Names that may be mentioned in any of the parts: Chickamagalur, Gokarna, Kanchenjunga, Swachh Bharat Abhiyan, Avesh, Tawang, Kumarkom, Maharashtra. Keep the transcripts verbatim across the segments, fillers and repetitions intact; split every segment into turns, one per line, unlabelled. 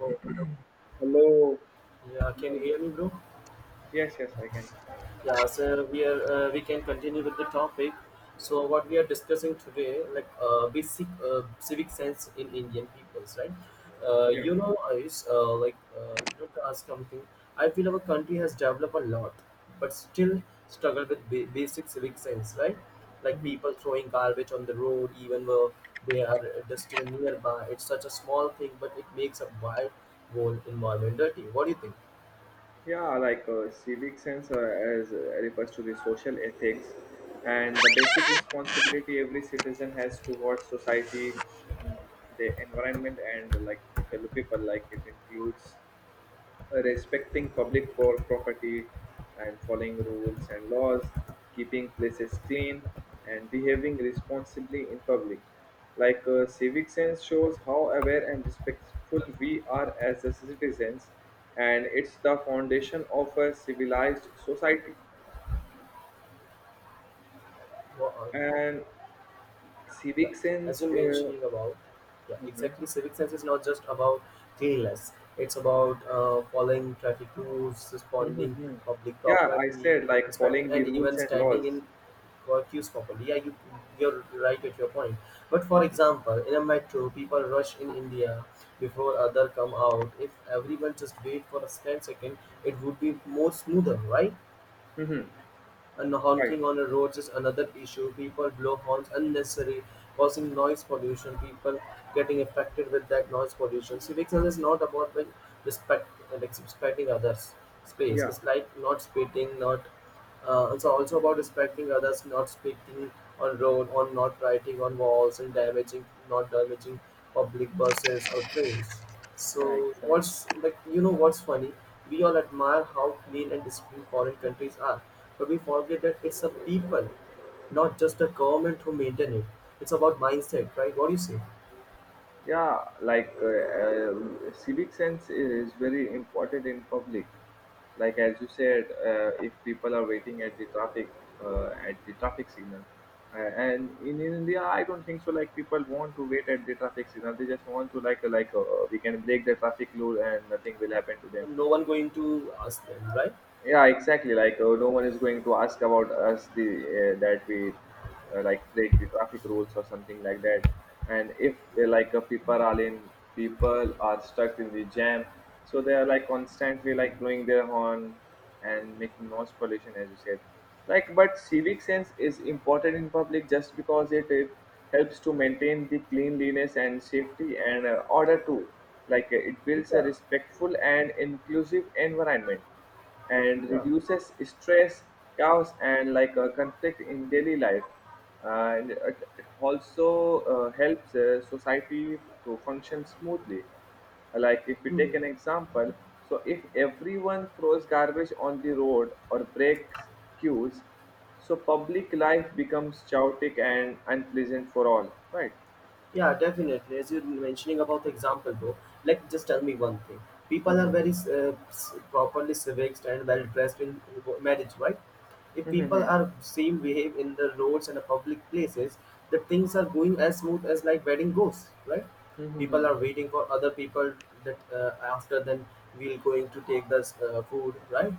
Oh,
Hello.
yeah, can you hear me, bro?
Yes, yes, I can.
Yeah, so we are uh, we can continue with the topic. So what we are discussing today, like uh, basic uh, civic sense in Indian peoples, right? Uh,
Yeah.
you know, is uh, like uh, you know, To ask something. I feel our country has developed a lot, but still struggle with ba- basic civic sense, right? Like
Mhm.
people throwing garbage on the road, even though they are uh, just even nearby. It's such a small thing, but it makes a wide whole environment dirty. What do you think?
Yeah, like uh, civic sense uh, as uh, refers to the social ethics and the basic responsibility every citizen has towards society, mm, the environment, and like the fellow people. Like it includes uh, respecting public pro- property and following rules and laws, keeping places clean, and behaving responsibly in public. Like uh, civic sense shows how aware and respectful we are as a citizens, and it's the foundation of a civilized society.
Wha- uh,
And
yeah,
civic
as
sense,
you
uh,
mentioning about, yeah,
mhm.
exactly. Civic sense is not just about cleanliness. It's about uh, following traffic rules,
Mhm,
responding
mhm.
public
Yeah, I
property,
said like
respecting,
following the
and
rules
even
and
standing
laws.
in queues properly. Yeah, you you're right at your point. But for example, in a metro, people rush in India before other come out. If everyone just wait for a split second, it would be more smoother, right?
Hmm.
And
Right.
honking on the roads is another issue. People blow horns unnecessarily, causing noise pollution. People getting affected with that noise pollution. Civic sense is not about like respect, uh, like respecting others' space.
Yeah.
It's like not spitting, not. Uh, it's also about respecting others, not spitting on road, or not writing on walls, and damaging, not damaging public buses or trains.
Yeah.
So what's
Exactly.
like you know what's funny? We all admire how clean and disciplined foreign countries are, but we forget that it's a people, not just a government who maintain it. It's about mindset, right? What do you say?
Yeah, like uh, uh, civic sense is very important in public. Like as you said, uh, if people are waiting at the traffic uh, at the traffic signal, uh, and in India, I don't think so. Like people want to wait at the traffic signal; they just want to like like uh, we can break the traffic rule and nothing will happen to them.
No one going to ask them, right?
Yeah, exactly, like uh, no one is going to ask about us the uh, that we uh, like break the traffic rules or something like that. And if uh, like uh, people are in people are stuck in the jam, so they are like constantly like blowing their horn and making noise pollution as you said. Like but civic sense is important in public just because it, uh helps to maintain the cleanliness and safety and uh, order too. Like uh, it builds a
Yeah,
respectful and inclusive environment and
yeah.
reduces stress, chaos, and like uh, conflict in daily life. And it, it also uh, helps uh, society to function smoothly. Like if we
Hmm.
take an example, so if everyone throws garbage on the road or breaks queues, so public life becomes chaotic and unpleasant for all, right?
Yeah, definitely. As you're mentioning about the example, though, like just tell me one thing. People
Mm-hmm.
are very uh, s- properly civics and well dressed in marriage, right? If people
Mm-hmm.
are same behave in the roads and the public places, the things are going as smooth as like wedding goes, right?
Mm-hmm.
People are waiting for other people that uh, after then we'll going to take this uh, food, right?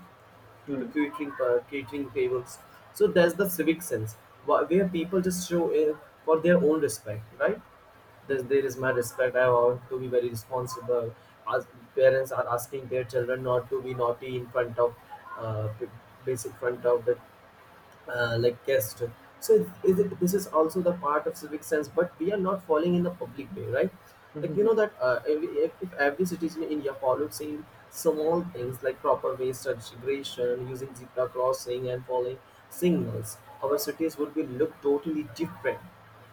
To the
Mm-hmm.
catering uh, catering tables. So that's the civic sense wh- where people just show uh, for their own respect, right? Thus, there is my respect. I want to be very responsible. As parents are asking their children not to be naughty in front of, uh, p- basic front of the uh, like guest. So it, it, this is also the part of civic sense, but we are not falling in the public way, right? Like you know that uh, if, if if every citizen in India followed same small things like proper waste segregation, using zebra crossing, and following signals, our cities would be look totally different.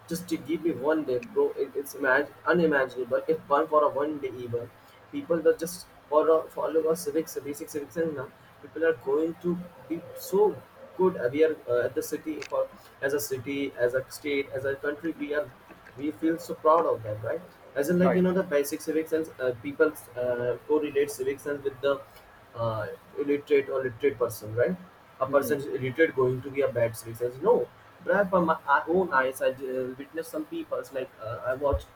Just to give me one day, bro, it, it's imag- unimaginable. If one for a one day even, people that just for a, follow a civics, basic civics, and now people are going to be so good aware uh, at the city, for as a city, as a state, as a country. We are we feel so proud of that, right? As in, like
Right.
you know, the basic civic sense, uh, people uh, correlate civic sense with the uh, illiterate or literate person, right? A person is illiterate going to be a bad civic sense? No, but I, from my own eyes, i uh, witnessed some people, like uh, I watched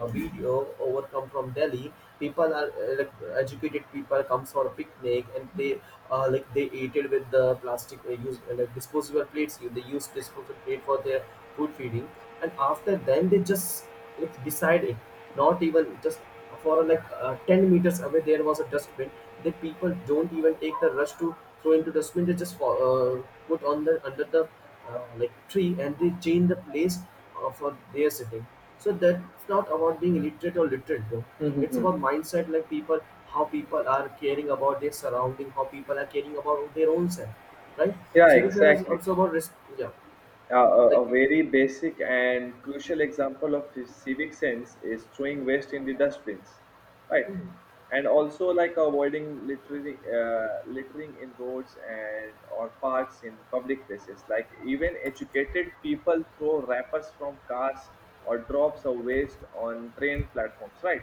a video overcome from Delhi. People are uh, like educated people comes for a picnic, and they uh, like they ate it with the plastic uh, use uh, like disposable plates. They use disposable plate for their food feeding, and after then they just like decide it, not even just for uh, like uh, ten meters away there was a dustbin. The people don't even take the rush to throw into dustbin, they just fo- uh, put on the under the uh, like tree, and they change the place uh, for their sitting. So that's not about being illiterate or literate, though it's
Mm-hmm.
about mindset, like people, how people are caring about their surrounding, how people are caring about their own self, right?
Yeah,
So is
exactly.
also about risk. Yeah,
Uh, a,
like
a very basic and crucial example of his civic sense is throwing waste in the dustbins, right? And also like avoiding littering, uh, littering in roads and or parks in public places. Like even educated people throw wrappers from cars or drops of waste on train platforms, right?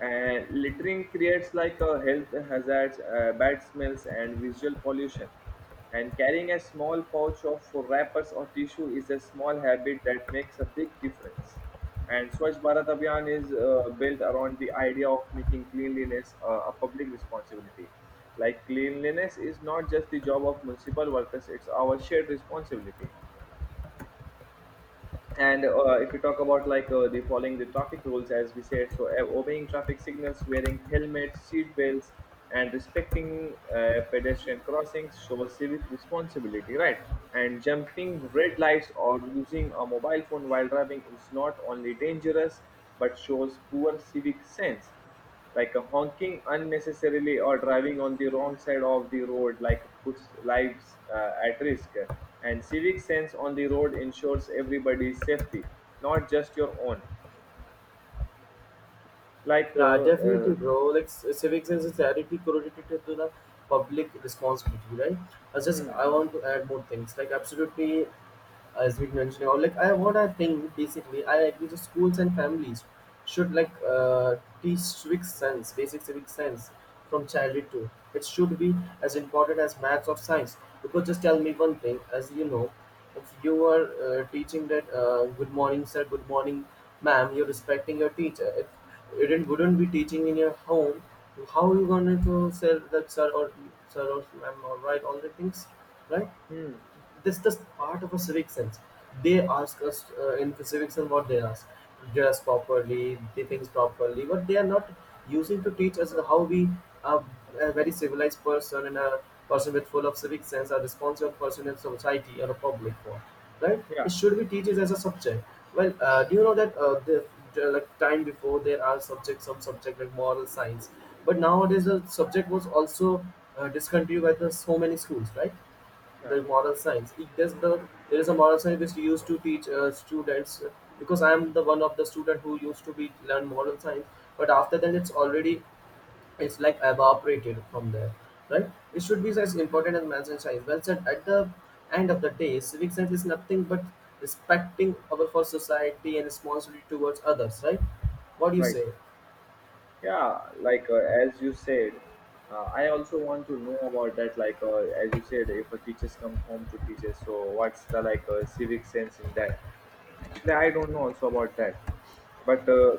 Uh, littering creates like a health hazards, uh, bad smells, and visual pollution. And carrying a small pouch of wrappers or tissue is a small habit that makes a big difference. And Swachh Bharat Abhiyan is uh, built around the idea of making cleanliness uh, a public responsibility. Like cleanliness is not just the job of municipal workers; it's our shared responsibility. And uh, if you talk about like uh, the following the traffic rules, as we said, so uh, obeying traffic signals, wearing helmets, seat belts, and respecting uh, pedestrian crossings shows civic responsibility, right? And jumping red lights or using a mobile phone while driving is not only dangerous but shows poor civic sense, like a honking unnecessarily or driving on the wrong side of the road like puts lives uh, at risk. And civic sense on the road ensures everybody's safety, not just your own. like uh,
yeah, definitely,
uh,
bro. Like c- civic sense is directly correlated to the public responsibility, right? I just
hmm,
I want to add more things. Like absolutely, as we mentioned, or like i what i think, basically i agree the schools and families should like uh, teach civic sense, basic civic sense, from childhood too. It should be as important as maths or science, because just tell me one thing. As you know, if you are uh, teaching that uh, good morning sir, good morning ma'am, you're respecting your teacher. If you didn't, wouldn't be teaching in your home, how you going to say that sir, or sir or ma'am, or right all the things, right?
hmm,
This is part of a civic sense. They ask us uh, in civic sense, what they ask: dress properly, do things properly, but they are not using to teach us how we are a very civilized person and a person with full of civic sense, a responsible person in society or a public one. Right?
yeah,
It should be teaches as a subject. Well, uh, do you know that uh, the, the like time before there are subjects, some subject like moral science, but nowadays the subject was also uh, discontinued by the so many schools, right?
yeah,
The moral science, it, there's the there is a moral science which used to teach uh, students, uh, because I am the one of the student who used to be learn moral science, but after then it's already, it's like evaporated from there, right? It should be as important as maths and science. Well said, at the end of the day civic science is nothing but respecting our for society and responsibility towards others, right? What do you
right.
say?
Yeah, like uh, as you said, uh, I also want to know about that, like uh, as you said, if a teachers come home to teachers, so what's the like uh, civic sense in that? Actually I don't know also about that, but uh,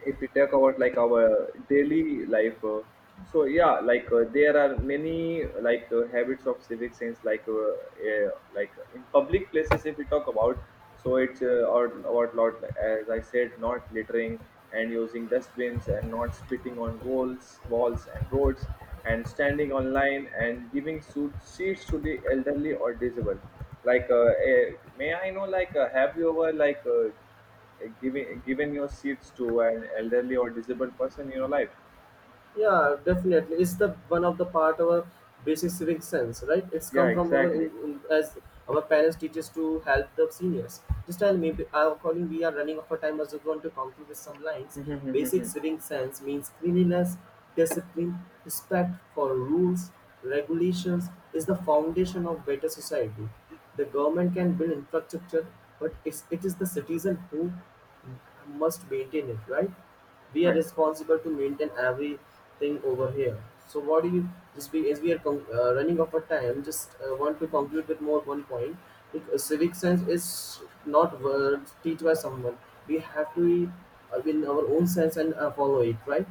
if we talk about like our daily life, uh, so yeah, like uh, there are many like uh, habits of civic sense, like uh, uh, like uh, in public places if we talk about, so it's uh, or or lot, as I said, not littering and using dustbins and not spitting on walls walls and roads and standing on line and giving suit, seats to the elderly or disabled. Like uh, uh, may I know, like uh, have you ever, like uh, giving given your seats to an elderly or disabled person in your life?
Yeah, definitely, it's the one of the part of our basic civic sense, right? It's
Yeah,
come from our in,
exactly.
in, as our parents teach us to help the seniors. Just tell me, b- I'm calling we are running out of time, I just want to conclude with some lines.
Mhm, mhm,
Basic
mhm.
civic sense means cleanliness, discipline, respect for rules, regulations, is the foundation of better society. The government can build infrastructure, but it's, it is the citizen who must maintain it, right? We are
Right.
responsible to maintain everything over here. So what do you just be, as we are con- uh, running out of time? Just uh, want to conclude with more one point. Like, uh, civic sense is not words teach by someone. We have to uh, in our own sense and uh, follow it, right?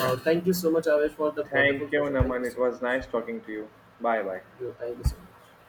Yeah.
thank you so much, Avesh, for the
Thank
wonderful
you,
session. Thank
Naman.
you so
It was
much.
nice talking to you. Bye bye.
You, thank you so much.